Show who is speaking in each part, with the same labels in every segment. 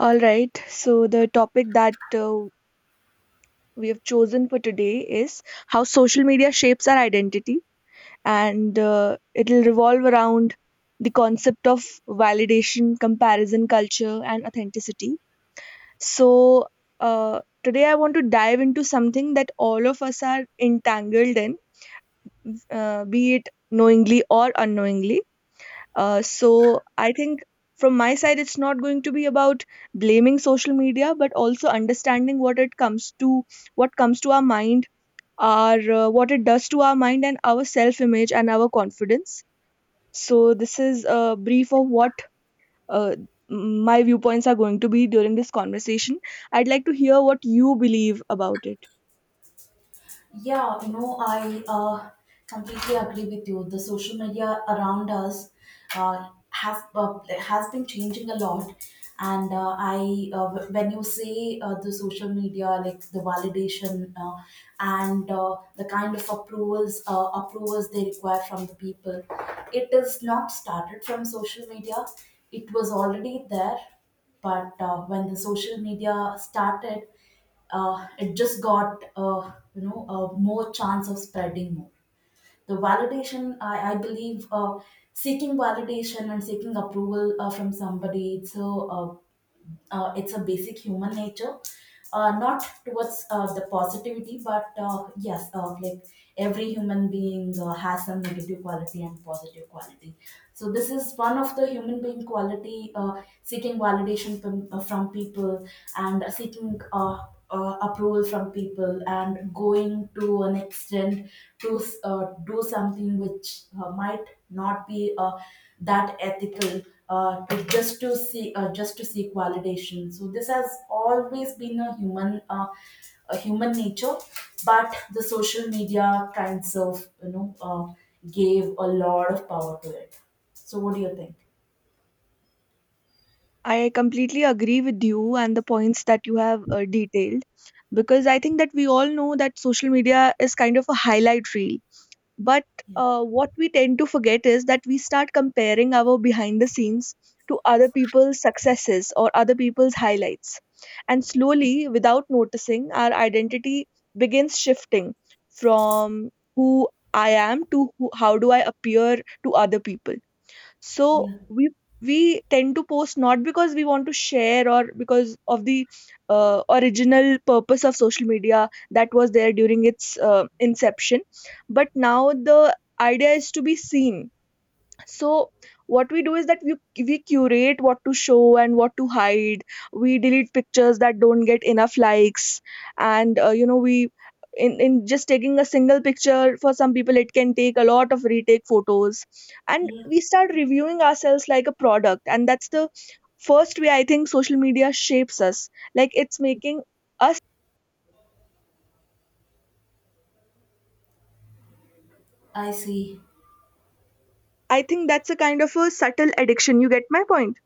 Speaker 1: All right, so the topic that we have chosen for today is how social media shapes our identity, and it'll revolve around the concept of validation, comparison culture, and authenticity. So, today I want to dive into something that all of us are entangled in, be it knowingly or unknowingly. So I think from my side, it's not going to be about blaming social media, but also understanding what it comes to, what comes to our mind, our what it does to our mind and our self-image and our confidence. So this is a brief of what uh, my viewpoints are going to be during this conversation. I'd like to hear what you believe about it.
Speaker 2: Yeah, I completely agree with you. The social media around us have has been changing a lot, and when you say the social media, like the validation and the kind of approvals they require from the people. It is not started from social media. It was already there, but when the social media started it just got more chance of spreading more. The validation I believe, seeking validation and seeking approval from somebody, it's a basic human nature, not towards the positivity, but yes, like every human being has some negative quality and positive quality. So this is one of the human being quality, seeking validation from people, and seeking approval from people, and going to an extent to do something which might not be that ethical, to just to see just to seek validation. So this has always been a human nature, but the social media kinds of gave a lot of power to it. So, what do you think?
Speaker 1: I completely agree with you and the points that you have detailed, because I think that we all know that social media is kind of a highlight reel. But
Speaker 2: Yeah,
Speaker 1: what we tend to forget is that we start comparing our behind the scenes to other people's successes or other people's highlights. And slowly, without noticing, our identity begins shifting from who I am to who, how do I appear to other people. So
Speaker 2: yeah,
Speaker 1: we tend to post not because we want to share or because of the original purpose of social media that was there during its inception, but now the idea is to be seen. So what we do is that we curate what to show and what to hide. We delete pictures that don't get enough likes, and we, in just taking a single picture for some people it can take a lot of retake photos. And
Speaker 2: yeah.
Speaker 1: we start reviewing ourselves like a product, and that's the first way I think social media shapes us, like it's making us.
Speaker 2: I see.
Speaker 1: I think that's a kind of a subtle addiction. You get my point?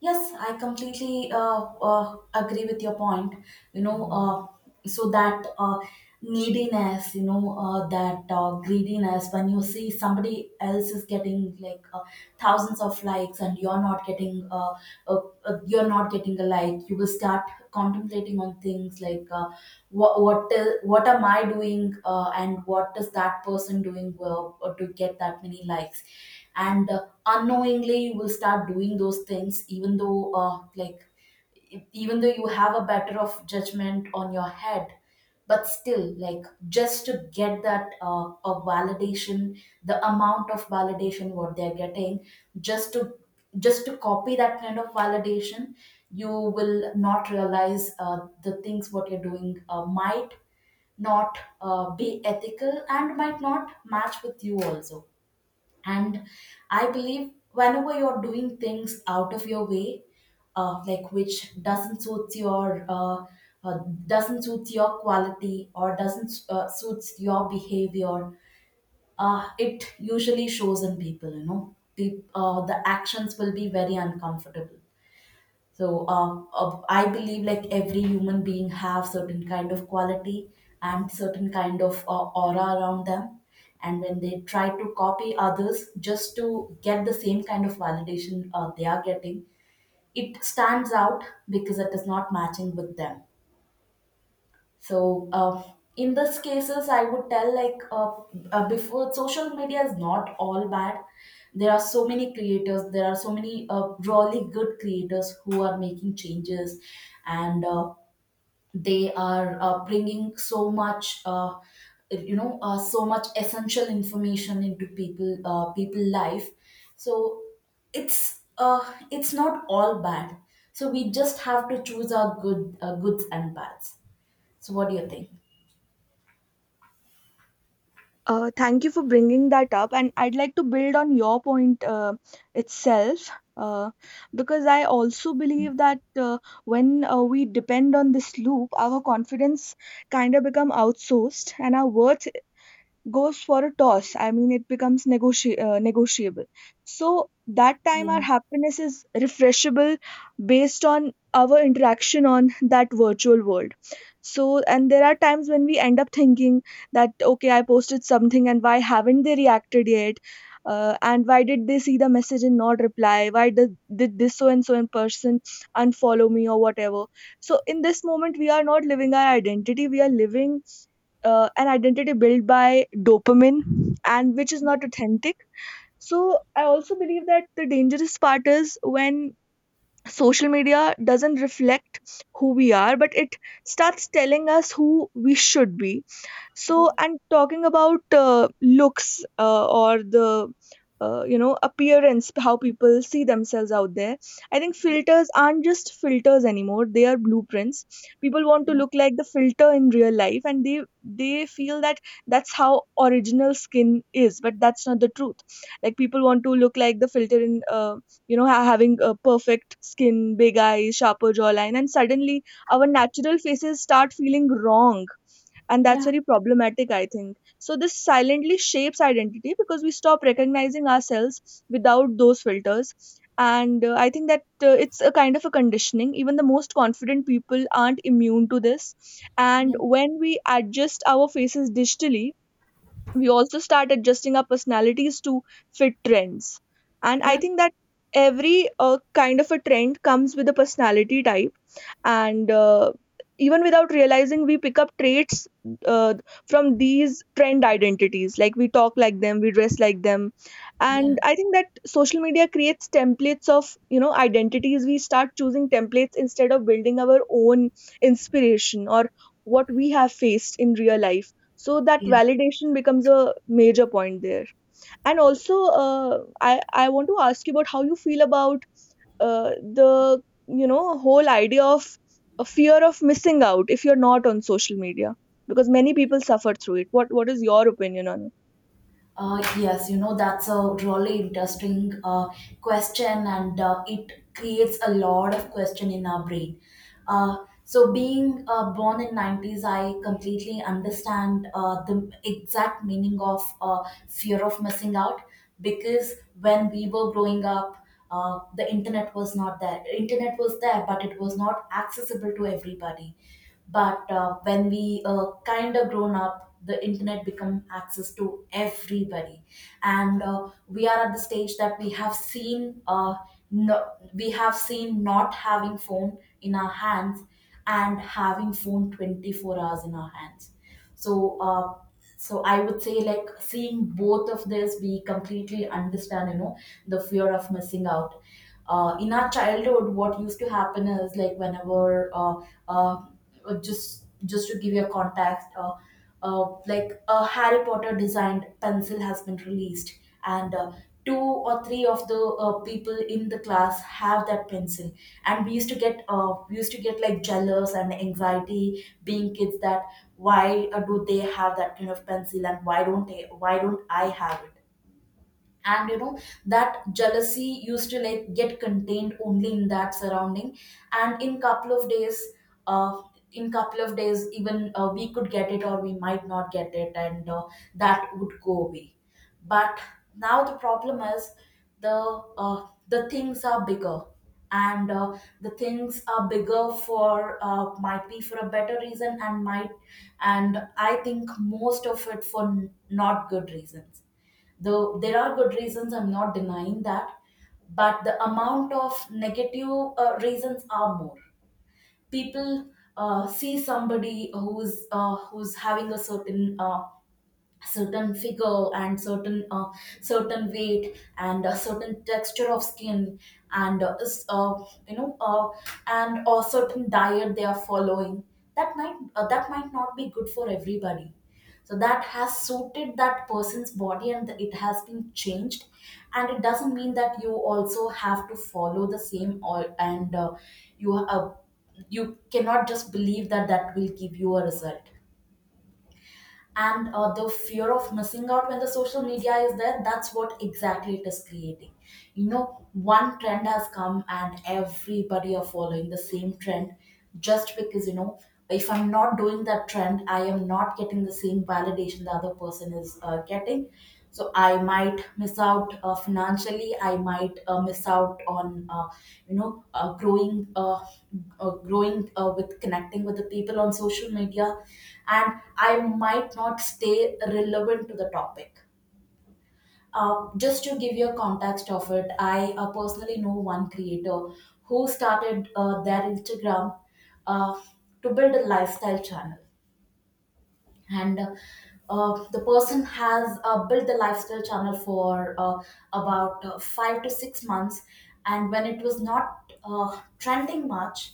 Speaker 2: Yes, I completely agree with your point. So that neediness, that greediness, when you see somebody else is getting like thousands of likes, and uh, you're not getting a like, you will start contemplating on things like what am I doing, and what is that person doing well, to get that many likes. And unknowingly, you will start doing those things, even though you have a better of judgment on your head, but still, like, just to get that a validation, the amount of validation what they're getting, just to just to copy that kind of validation, you will not realize the things what you're doing might not be ethical and might not match with you also. And I believe whenever you're doing things out of your way, like, which uh, doesn't suit your quality, or doesn't suits your behavior, it usually shows in people. You know, Peop The actions will be very uncomfortable. So I believe, like, every human being have certain kind of quality, and certain kind of aura around them, and when they try to copy others just to get the same kind of validation they are getting, it stands out, because it is not matching with them. so uh, in these cases, I would tell, like, before, social media is not all bad. There are so many creators. There are so many really good creators who are making changes, and they are bringing so much. So much essential information into people life. So it's uh, it's not all bad. So we just have to choose our goods and bads. So what do you think?
Speaker 1: Thank you for bringing that up, and I'd like to build on your point itself. Uh, because I also believe that when we depend on this loop, our confidence kind of become outsourced and our worth goes for a toss. I mean, it becomes negotiable. So that time,
Speaker 2: Yeah,
Speaker 1: our happiness is refreshable based on our interaction on that virtual world. So, and there are times when we end up thinking that, okay, I posted something and why haven't they reacted yet? And why did they see the message and not reply? Why did this so and so in person unfollow me or whatever? So, in this moment, we are not living our identity, we are living an identity built by dopamine and which is not authentic. So I also believe that the dangerous part is when social media doesn't reflect who we are, but it starts telling us who we should be.
Speaker 2: yeah,
Speaker 1: So, and talking about looks, or the appearance, how people see themselves out there. I think filters aren't just filters anymore, they are blueprints. People want to
Speaker 2: yeah,
Speaker 1: look like the filter in real life, and they feel that that's how original skin is, but that's not the truth. Like, people want to look like the filter in, having a perfect skin, big eyes, sharper jawline, and suddenly our natural faces start feeling wrong. And that's
Speaker 2: yeah,
Speaker 1: very problematic, I think. So, this silently shapes identity because we stop recognizing ourselves without those filters. And I think that it's a kind of a conditioning. Even the most confident people aren't immune to this. And
Speaker 2: yeah, yeah,
Speaker 1: when we adjust our faces digitally, we also start adjusting our personalities to fit trends. And I
Speaker 2: yeah,
Speaker 1: think that every kind of a trend comes with a personality type. And even without realizing we pick up traits uh, from these trend identities, like we talk like them, we dress like them.
Speaker 2: yeah.
Speaker 1: And I think that social media creates templates of, identities. We start choosing templates instead of building our own inspiration or what we have faced in real life. So that
Speaker 2: Yeah.
Speaker 1: validation becomes a major point there. And also, I want to ask you about how you feel about uh, the whole idea of a fear of missing out if you're not on social media, because many people suffer through it. What is your opinion on it?
Speaker 2: Yes, that's a really interesting question, and it creates a lot of question in our brain. Uh, so, being born in 90s, I completely understand the exact meaning of fear of missing out, because when we were growing up, the internet was not there. Internet was there, but it was not accessible to everybody. But when we kind of grown up, the internet become access to everybody. And we are at the stage that we have seen, no, we have seen not having phone in our hands, and having phone 24 hours in our hands. So uh, so I would say, like, seeing both of this, we completely understand, the fear of missing out. In our childhood, what used to happen is, like, whenever uh, just to give you a context, like a Harry Potter designed pencil has been released, and two or three of the people in the class have that pencil. And we used to get, like, jealous and anxiety, being kids, that why do they have that kind of pencil, and why don't I have it? And that jealousy used to, like, get contained only in that surrounding, and uh in couple of days, even we could get it or we might not get it, and that would go away. But now the problem is, the things are bigger, and the things are bigger for, might be for a better reason, and I think most of it, for not good reasons, though there are good reasons, I'm not denying that. But the amount of negative reasons are more. People see somebody who's having a certain figure, and certain weight, and a certain texture of skin, and you know uh, and a certain diet they are following, that might not be good for everybody. So that has suited that person's body, and it has been changed, and it doesn't mean that you also have to follow the same, or, and you uh, you cannot just believe that that will give you a result. And the fear of missing out, when the social media is there, that's what exactly it is creating. One trend has come, and everybody are following the same trend, just because, if I'm not doing that trend, I am not getting the same validation the other person is getting. So I might miss out, financially I might miss out on, you know uh, growing uh, growing with connecting with the people on social media. And I might not stay relevant to the topic. Just to give you a context of it, I personally know one creator who started their Instagram uh, to build a lifestyle channel. And the person has built the lifestyle channel for about 5 to 6 months. And when it was not trending much,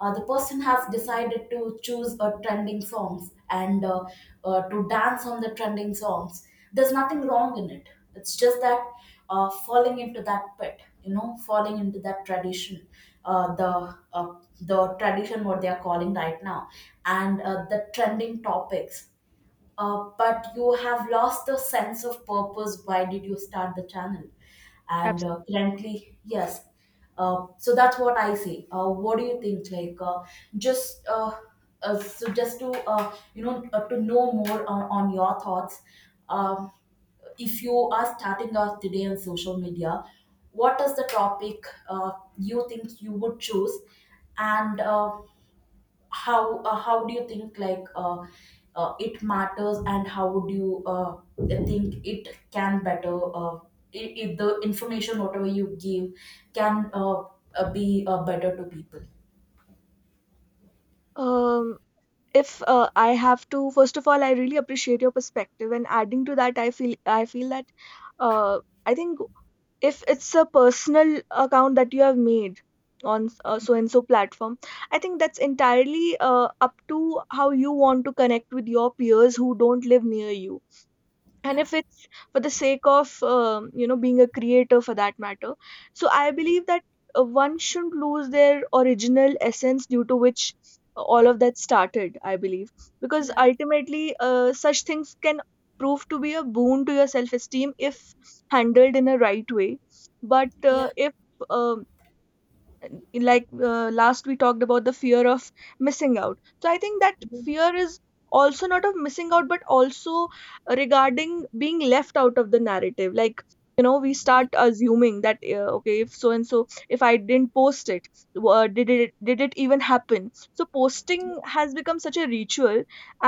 Speaker 2: the person has decided to choose a trending songs, and to dance on the trending songs. There's nothing wrong in it. It's just that, falling into that pit, falling into that tradition, uh, the uh, the tradition what they are calling right now, and the trending topics, but you have lost the sense of purpose. Why did you start the channel? And
Speaker 1: Absolutely.
Speaker 2: currently, yes. So that's what I say. What do you think? Like, just so just to to know more on, your thoughts. Um, if you are starting out today on social media, what is the topic you think you would choose? And how do you think, like, it matters, and how would you think it can better if the information whatever you give can be better to people?
Speaker 1: Um, if I have to, first of all, I really appreciate your perspective, and adding to that, I feel that, uh, I think if it's a personal account that you have made on so and so platform, I think that's entirely up to how you want to connect with your peers who don't live near you. And
Speaker 2: Yeah,
Speaker 1: if it's for the sake of, being a creator for that matter, so I believe that one shouldn't lose their original essence due to which all of that started, I believe, because
Speaker 2: yeah,
Speaker 1: ultimately such things can prove to be a boon to your self esteem if handled in a right way. But
Speaker 2: yeah,
Speaker 1: if um and like last we talked about the fear of missing out, so I think that
Speaker 2: yeah,
Speaker 1: fear is also not of missing out but also regarding being left out of the narrative. Like, you know, we start
Speaker 2: yeah,
Speaker 1: assuming that, okay, if so and so, if I didn't post it, did it even happen? So posting has become such a ritual.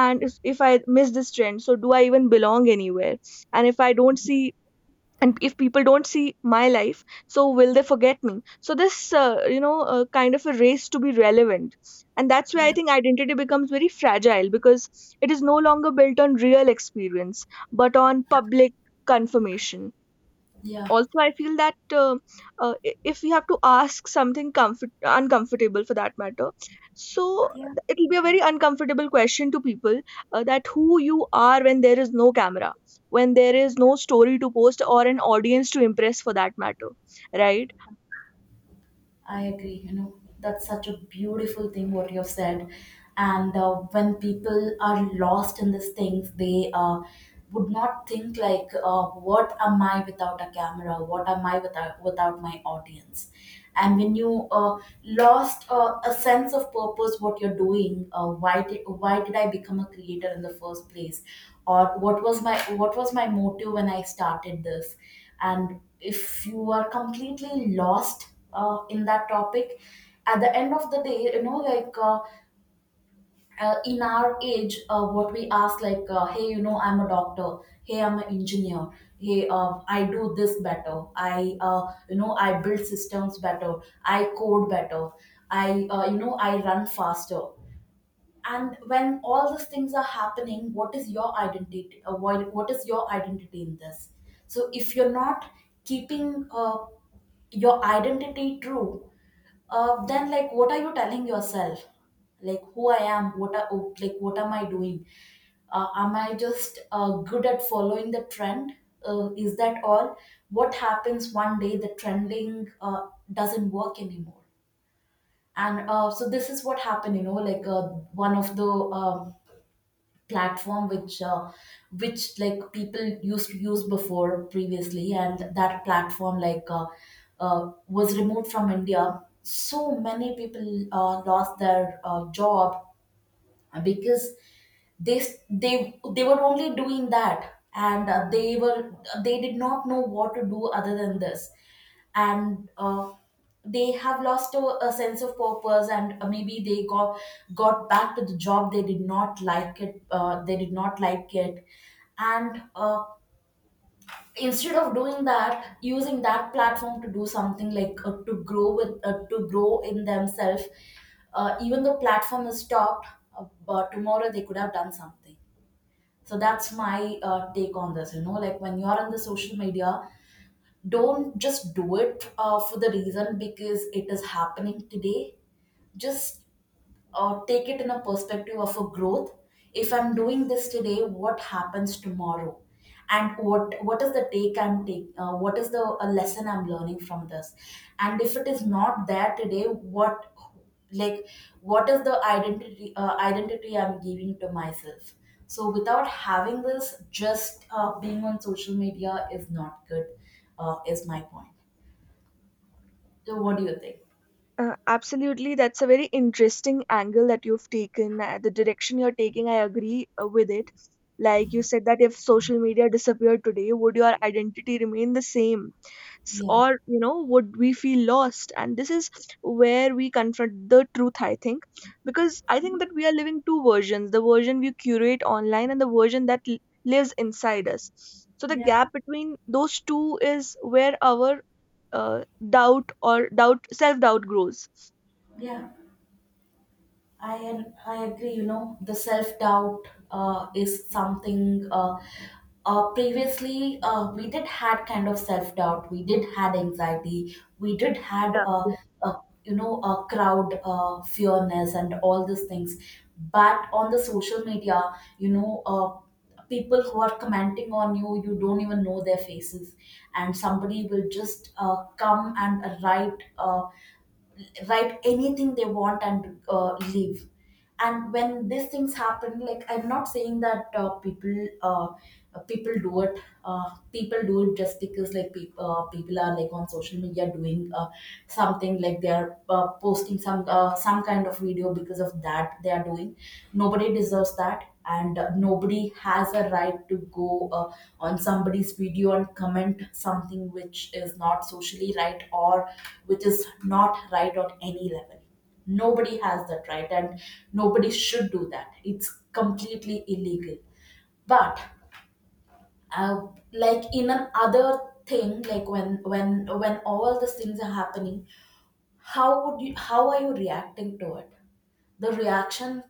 Speaker 1: And if I miss this trend, so do I even belong anywhere? And if I don't see, and if people don't see my life, so will they forget me? So this, kind of a race to be relevant, and that's where I
Speaker 2: yeah,
Speaker 1: think identity becomes very fragile because it is no longer built on real experience, but on public confirmation.
Speaker 2: yeah,
Speaker 1: Also, I feel that, uh, if we have to ask something uncomfortable for that matter, so
Speaker 2: yeah.
Speaker 1: it'll be a very uncomfortable question to people, that who you are when there is no camera, when there is no story to post or an audience to impress for that matter, right?
Speaker 2: I agree. That's such a beautiful thing what you've said. And when people are lost in these things, they would not think like, "What am I without a camera? What am I without my audience?" And when you lost a sense of purpose, what you're doing, why did I become a creator in the first place, or what was my motive when I started this? And if you are completely lost in that topic at the end of the day, you know, in our age, what we ask, like, hey, you know, I'm a doctor, hey, I'm an engineer, hey, I do this better, I you know, I build systems better, I code better, I you know, I run faster. And when all these things are happening, what is your identity? What is your identity in this? So if you're not keeping your identity true, then, like, what are you telling yourself? Like, who I am? Like, what am I doing? Am I just good at following the trend? Is that all? What happens one day the trending doesn't work anymore? And So this is what happened, you know, one of the um, platform which which, like, people used to use before, previously, and that platform, was removed from India. So many people lost their job because they they were only doing that, and they were, they did not know what to do other than this. And They have lost a sense of purpose, and maybe they got back to the job. They did not like it, they did not like it. And Instead of doing that, using that platform to do something, like, to grow in themselves, even though platform is stopped, but tomorrow they could have done something. So that's my take on this, you know, like, when you're on the social media, don't just do it for the reason because it is happening today. Just take it in a perspective of a growth. If I'm doing this today, what happens tomorrow? And what is the take I'm taking? What is the a lesson I'm learning from this? And if it is not there today, what, like, what is the identity, identity I'm giving to myself? So without having this, just being on social media is not good, is my point. So what do you think?
Speaker 1: Absolutely, that's a very interesting angle that you've taken. The direction you're taking, I agree with it. Like you said, that if social media disappeared today, would your identity remain the same?
Speaker 2: Yeah.
Speaker 1: Or, you know, would we feel lost? And this is where we confront the truth, I think. Because I think that we are living two versions, the version we curate online and the version that lives inside us. So the
Speaker 2: Yeah.
Speaker 1: gap between those two is where our uh, doubt or doubt self doubt grows.
Speaker 2: Yeah. I agree. You know, the self doubt is something. Previously, we did had kind of self doubt. We did had anxiety. We did had
Speaker 1: Yeah,
Speaker 2: uh, you know, a crowd fearness and all these things. But on the social media, you know, people who are commenting on you, you don't even know their faces, and somebody will just come and write uh, anything they want and leave. And when these things happen, like, I'm not saying that people do it, people do it just because, like, people are, like, on social media doing something, like, they are posting some kind of video because of that they are doing. Nobody deserves that, and nobody has a right to go on somebody's video and comment something which is not socially right, or which is not right on any level. Nobody has that right, and nobody should do that. It's completely illegal. But uh, like, in an other thing, like, when when all these things are happening, how would you? How are you reacting to it? The reaction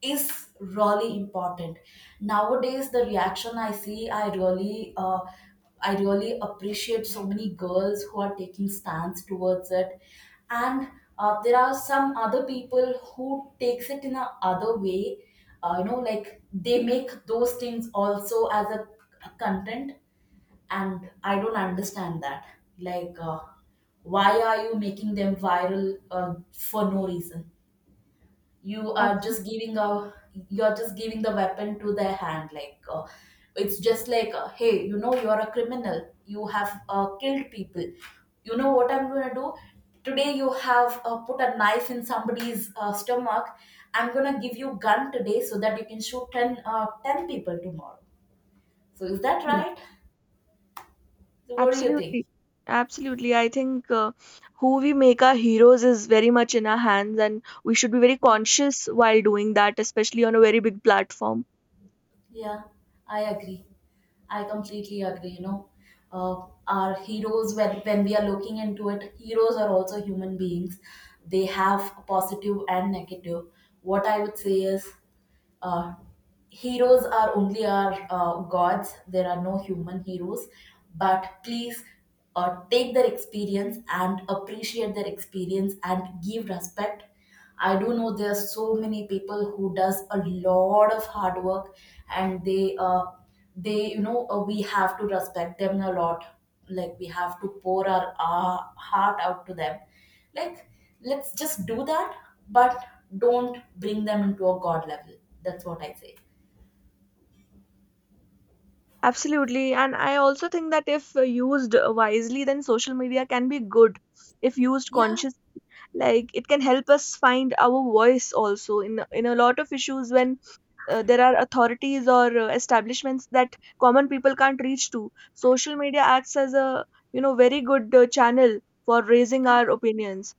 Speaker 2: is really important. Nowadays the reaction I see, I really I really appreciate so many girls who are taking stands towards it. And there are some other people who takes it in a other way. You know, like, they make those things also as a content, and I don't understand that. like uh, why are you making them viral for no reason? You are
Speaker 1: absolutely.
Speaker 2: just giving a, you're just giving the weapon to their hand. It's just like, hey, you know, you're a criminal, you have killed people. You know what I'm going to do? Today you have put a knife in somebody's stomach. I'm going to give you gun today so that you can shoot 10 people tomorrow. So is that right? So what do you think?
Speaker 1: Absolutely. Absolutely. I think who we make our heroes is very much in our hands, and we should be very conscious while doing that, especially on a very big platform.
Speaker 2: Yeah, I agree. I completely agree. You know, our heroes, when we are looking into it, heroes are also human beings. They have a positive and negative. What I would say is, uh, heroes are only our gods. There are no human heroes. But please, take their experience and appreciate their experience and give respect. I do know there are so many people who does a lot of hard work, and they you know, we have to respect them a lot. Like, we have to pour our heart out to them. Like, let's just do that. But don't bring them into a god level. That's what I say.
Speaker 1: Absolutely. And I also think that if used wisely, then social media can be good if used
Speaker 2: Yeah,
Speaker 1: consciously. Like it can help us find our voice also in, a lot of issues when there are authorities or establishments that common people can't reach to. Social media acts as a, very good channel for raising our opinions.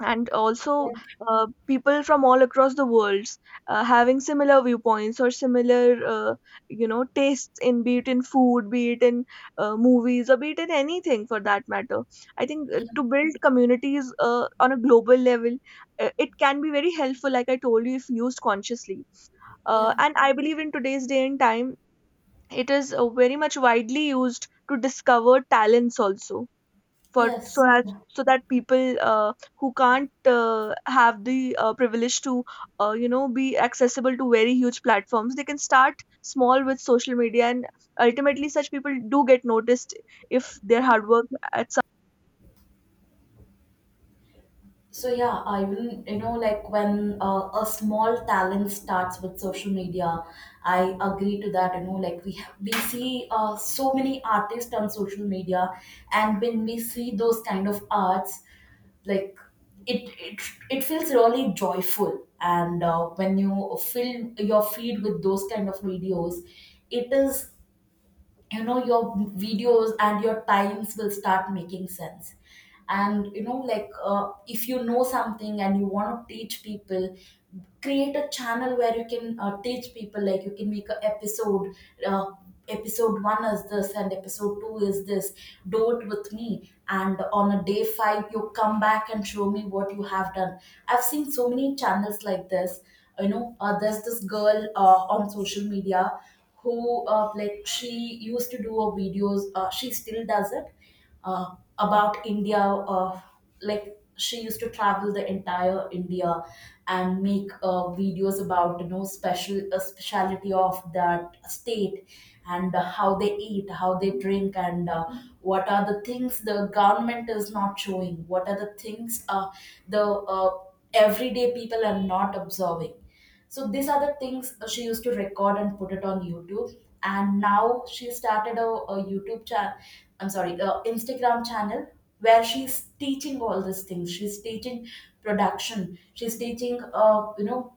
Speaker 1: And also people from all across the worlds, having similar viewpoints or similar, tastes, in be it in food, be it in, movies, or be it in anything for that matter. I think to build communities on a global level, it can be very helpful, like I told you, if used consciously. uh,
Speaker 2: yeah,
Speaker 1: and I believe in today's day and time it is very much widely used to discover talents also, for so
Speaker 2: yes,
Speaker 1: that
Speaker 2: yeah,
Speaker 1: so that people, who can't have the privilege to, be accessible to very huge platforms, they can start small with social media, and ultimately such people do get noticed if their
Speaker 2: yeah.
Speaker 1: hard work at.
Speaker 2: So yeah, I even, you know, like, when a small talent starts with social media, I agree to that. You know, like, we have, we see so many artists on social media, and when we see those kind of arts, like, it it feels really joyful. And when you fill your feed with those kind of videos, it is, you know, your videos and your times will start making sense. And, you know, if you know something and you want to teach people, create a channel where you can teach people. Like, you can make an episode, uh, episode one is this and episode two is this. Do it with me, and on a day five you come back and show me what you have done. I've seen so many channels like this. You know, there's this girl on social media who, like, she used to do a videos, she still does it about India. Like, she used to travel the entire India and make videos about, you know, special speciality of that state, and how they eat, how they drink, and what are the things the government is not showing. What are the things, the everyday people are not observing. So these are the things she used to record and put it on YouTube. And now she started a YouTube channel. I'm sorry, a Instagram channel where she's teaching all these things. She's teaching production. She's teaching, you know,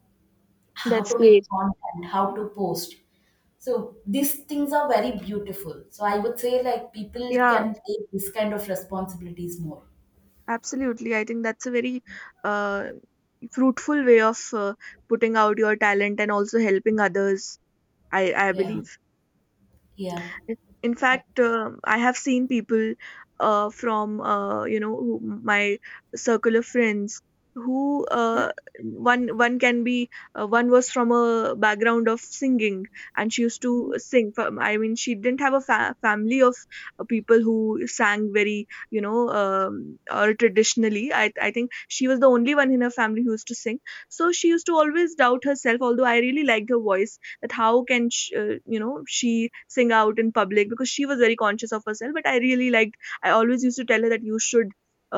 Speaker 1: Some
Speaker 2: how
Speaker 1: that's
Speaker 2: to make
Speaker 1: great.
Speaker 2: content, how to post. So these things are very beautiful. So I would say, like, people
Speaker 1: Yeah,
Speaker 2: can take this kind of responsibilities more.
Speaker 1: absolutely. I think that's a very uh, fruitful way of putting out your talent and also helping others, I
Speaker 2: Yeah.
Speaker 1: believe.
Speaker 2: Yeah.
Speaker 1: In fact, I have seen people from, who, my circle of friends who,
Speaker 2: Yeah.
Speaker 1: uh, one can be, one was from a background of singing, and she used to sing. For, I mean, she didn't have a family of people who sang very, or traditionally. I think she was the only one in her family who used to sing. So she used to always doubt herself. Although I really liked her voice, that how can sh you know she sing out in public, because she was very conscious of herself. But I really liked, I always used to tell her that you should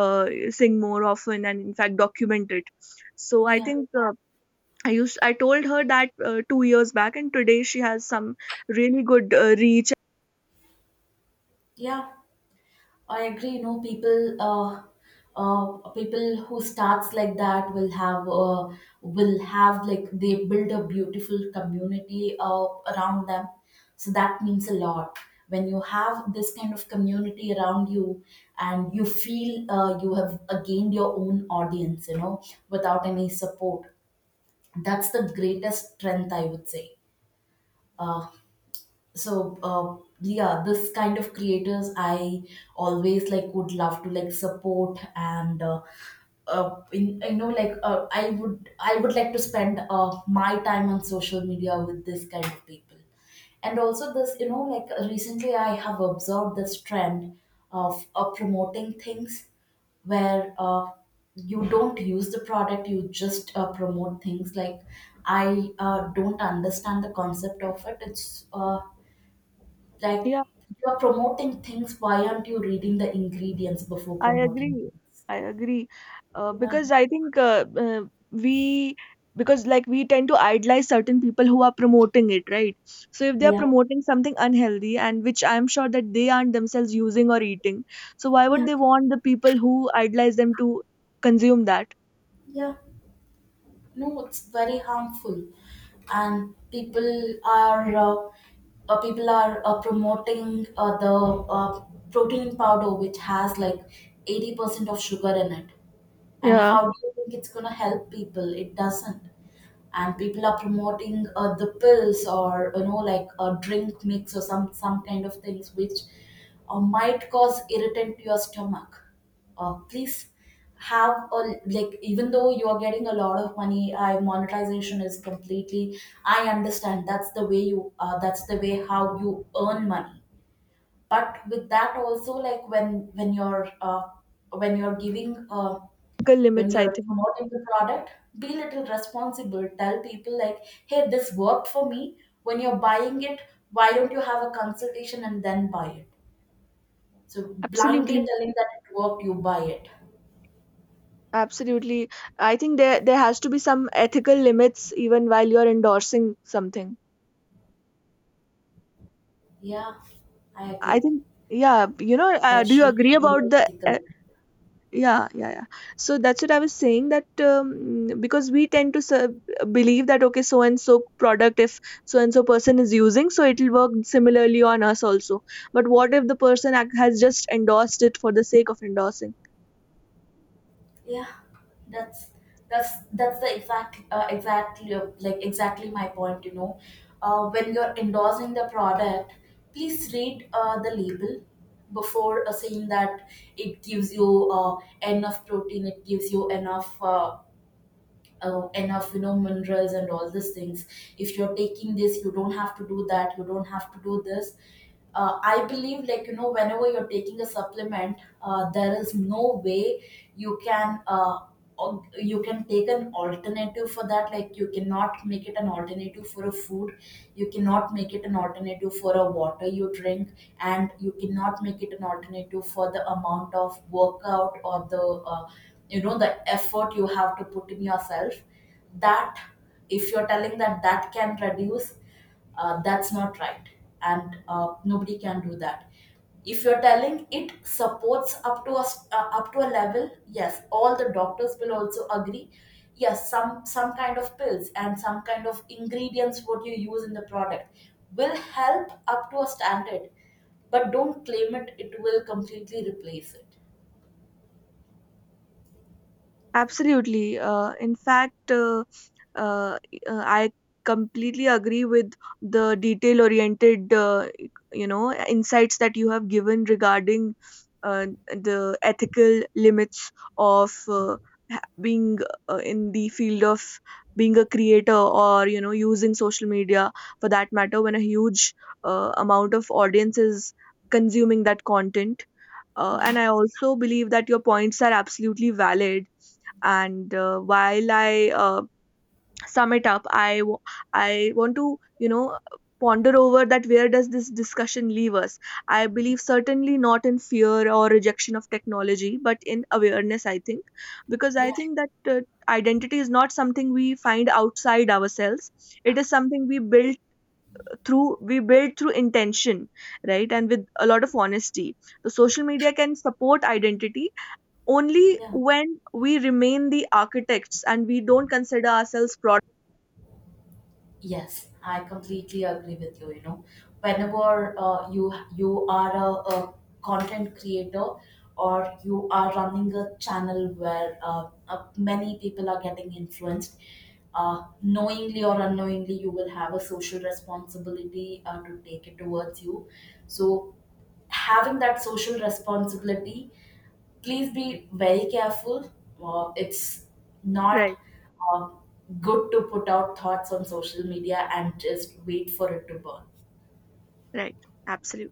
Speaker 1: sing more often and in fact document it. So I
Speaker 2: Yeah.
Speaker 1: think, I told her that 2 years back, and today she has some really good reach.
Speaker 2: Yeah. I agree. You know, people, people who starts like that will have, will have, like, they build a beautiful community around them. So that means a lot. When you have this kind of community around you, and you feel you have gained your own audience, you know, without any support, that's the greatest strength I would say. Uh, so yeah, this kind of creators, I always like, would love to, like, support and in, you know, I would, like to spend my time on social media with this kind of people. And also this, you know, like, recently I have observed this trend of promoting things where, you don't use the product, you just promote things. Like I don't understand the concept of it. It's Like,
Speaker 1: Yeah.
Speaker 2: you are promoting things, why aren't you reading the ingredients before
Speaker 1: I
Speaker 2: promoting
Speaker 1: agree.
Speaker 2: things?
Speaker 1: I agree. Uh,
Speaker 2: Yeah,
Speaker 1: because I think we, because like we tend to idolize certain people who are promoting it, right? So if they are
Speaker 2: yeah,
Speaker 1: promoting something unhealthy and which I'm sure that they aren't themselves using or eating, so why would
Speaker 2: yeah,
Speaker 1: they want the people who idolize them to consume that?
Speaker 2: yeah. No, it's very harmful, and people are promoting the uh, protein powder which has like 80% of sugar in it. And
Speaker 1: Yeah,
Speaker 2: how do you think it's gonna help people? It doesn't. And people are promoting the pills, or you know, like a drink mix, or some kind of things which might cause irritant to your stomach. Please, have a, like, even though you are getting a lot of money, I monetization is completely, I understand, that's the way how you earn money. But with that also, like, when when you're giving
Speaker 1: ethical
Speaker 2: when
Speaker 1: limits, I
Speaker 2: you're
Speaker 1: think.
Speaker 2: promoting the product, be a little responsible. Tell people like, hey, this worked for me. When you're buying it, why don't you have a consultation and then buy it? So blindly
Speaker 1: Absolutely.
Speaker 2: telling that it worked, you buy it.
Speaker 1: Absolutely. I think there has to be some ethical limits even while you're endorsing something.
Speaker 2: Yeah, I
Speaker 1: I
Speaker 2: agree.
Speaker 1: think, yeah, you know,
Speaker 2: There
Speaker 1: do you
Speaker 2: should
Speaker 1: agree
Speaker 2: be
Speaker 1: about
Speaker 2: an
Speaker 1: the
Speaker 2: ethical.
Speaker 1: yeah, yeah, yeah. So that's what I was saying that, because we tend to believe that, okay, so and so product, if so and so person is using, so it'll work similarly on us also. But what if the person has just endorsed it for the sake of endorsing?
Speaker 2: Yeah, that's that's that's the exact exactly, exactly my point, you know. When you're endorsing the product, please read the label before saying that it gives you enough protein, it gives you enough enough, you know, minerals and all these things. If you're taking this, you don't have to do that, you don't have to do this. I believe, like, you know, whenever you're taking a supplement, there is no way you can you can take an alternative for that. Like, you cannot make it an alternative for a food, you cannot make it an alternative for a water you drink, and you cannot make it an alternative for the amount of workout, or the you know, the effort you have to put in yourself. That, if you're telling that that can reduce, that's not right, and nobody can do that. If you're telling it supports up to a up to a level, yes, all the doctors will also agree. Yes, some kind of pills and some kind of ingredients what you use in the product will help up to a standard. But don't claim it it will completely replace it.
Speaker 1: Absolutely. In fact, uh, I completely agree with the detail-oriented, insights that you have given regarding the ethical limits of, being in the field of being a creator, or using social media for that matter, when a huge amount of audience is consuming that content. uh,
Speaker 2: Yeah,
Speaker 1: and I also believe that your points are absolutely valid. And while I sum it up, I want to, you know, ponder over that, where does this discussion leave us? I believe certainly not in fear or rejection of technology, but in awareness. I think, because
Speaker 2: yeah,
Speaker 1: I think that identity is not something we find outside ourselves. It is something we build through, intention, right, and with a lot of honesty. The social media can support identity only
Speaker 2: yeah.
Speaker 1: when we remain the architects, and we don't consider ourselves product.
Speaker 2: Yes, I completely agree with you. You know, whenever you, you are a content creator, or you are running a channel where many people are getting influenced, knowingly or unknowingly, you will have a social responsibility to take it towards you. So having that social responsibility, please be very careful. It's not
Speaker 1: Right.
Speaker 2: uh, good to put out thoughts on social media and just wait for it to burn.
Speaker 1: Right. Absolutely.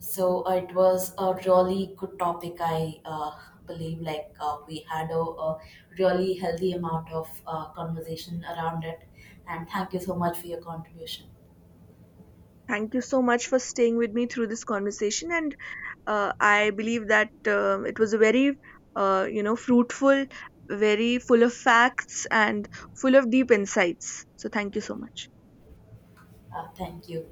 Speaker 2: So it was a really good topic. I believe, like, we had a really healthy amount of conversation around it. And thank you so much for your contribution.
Speaker 1: Thank you so much for staying with me through this conversation, and I believe that, it was a very, fruitful, very full of facts and full of deep insights. So thank you so much.
Speaker 2: Thank you.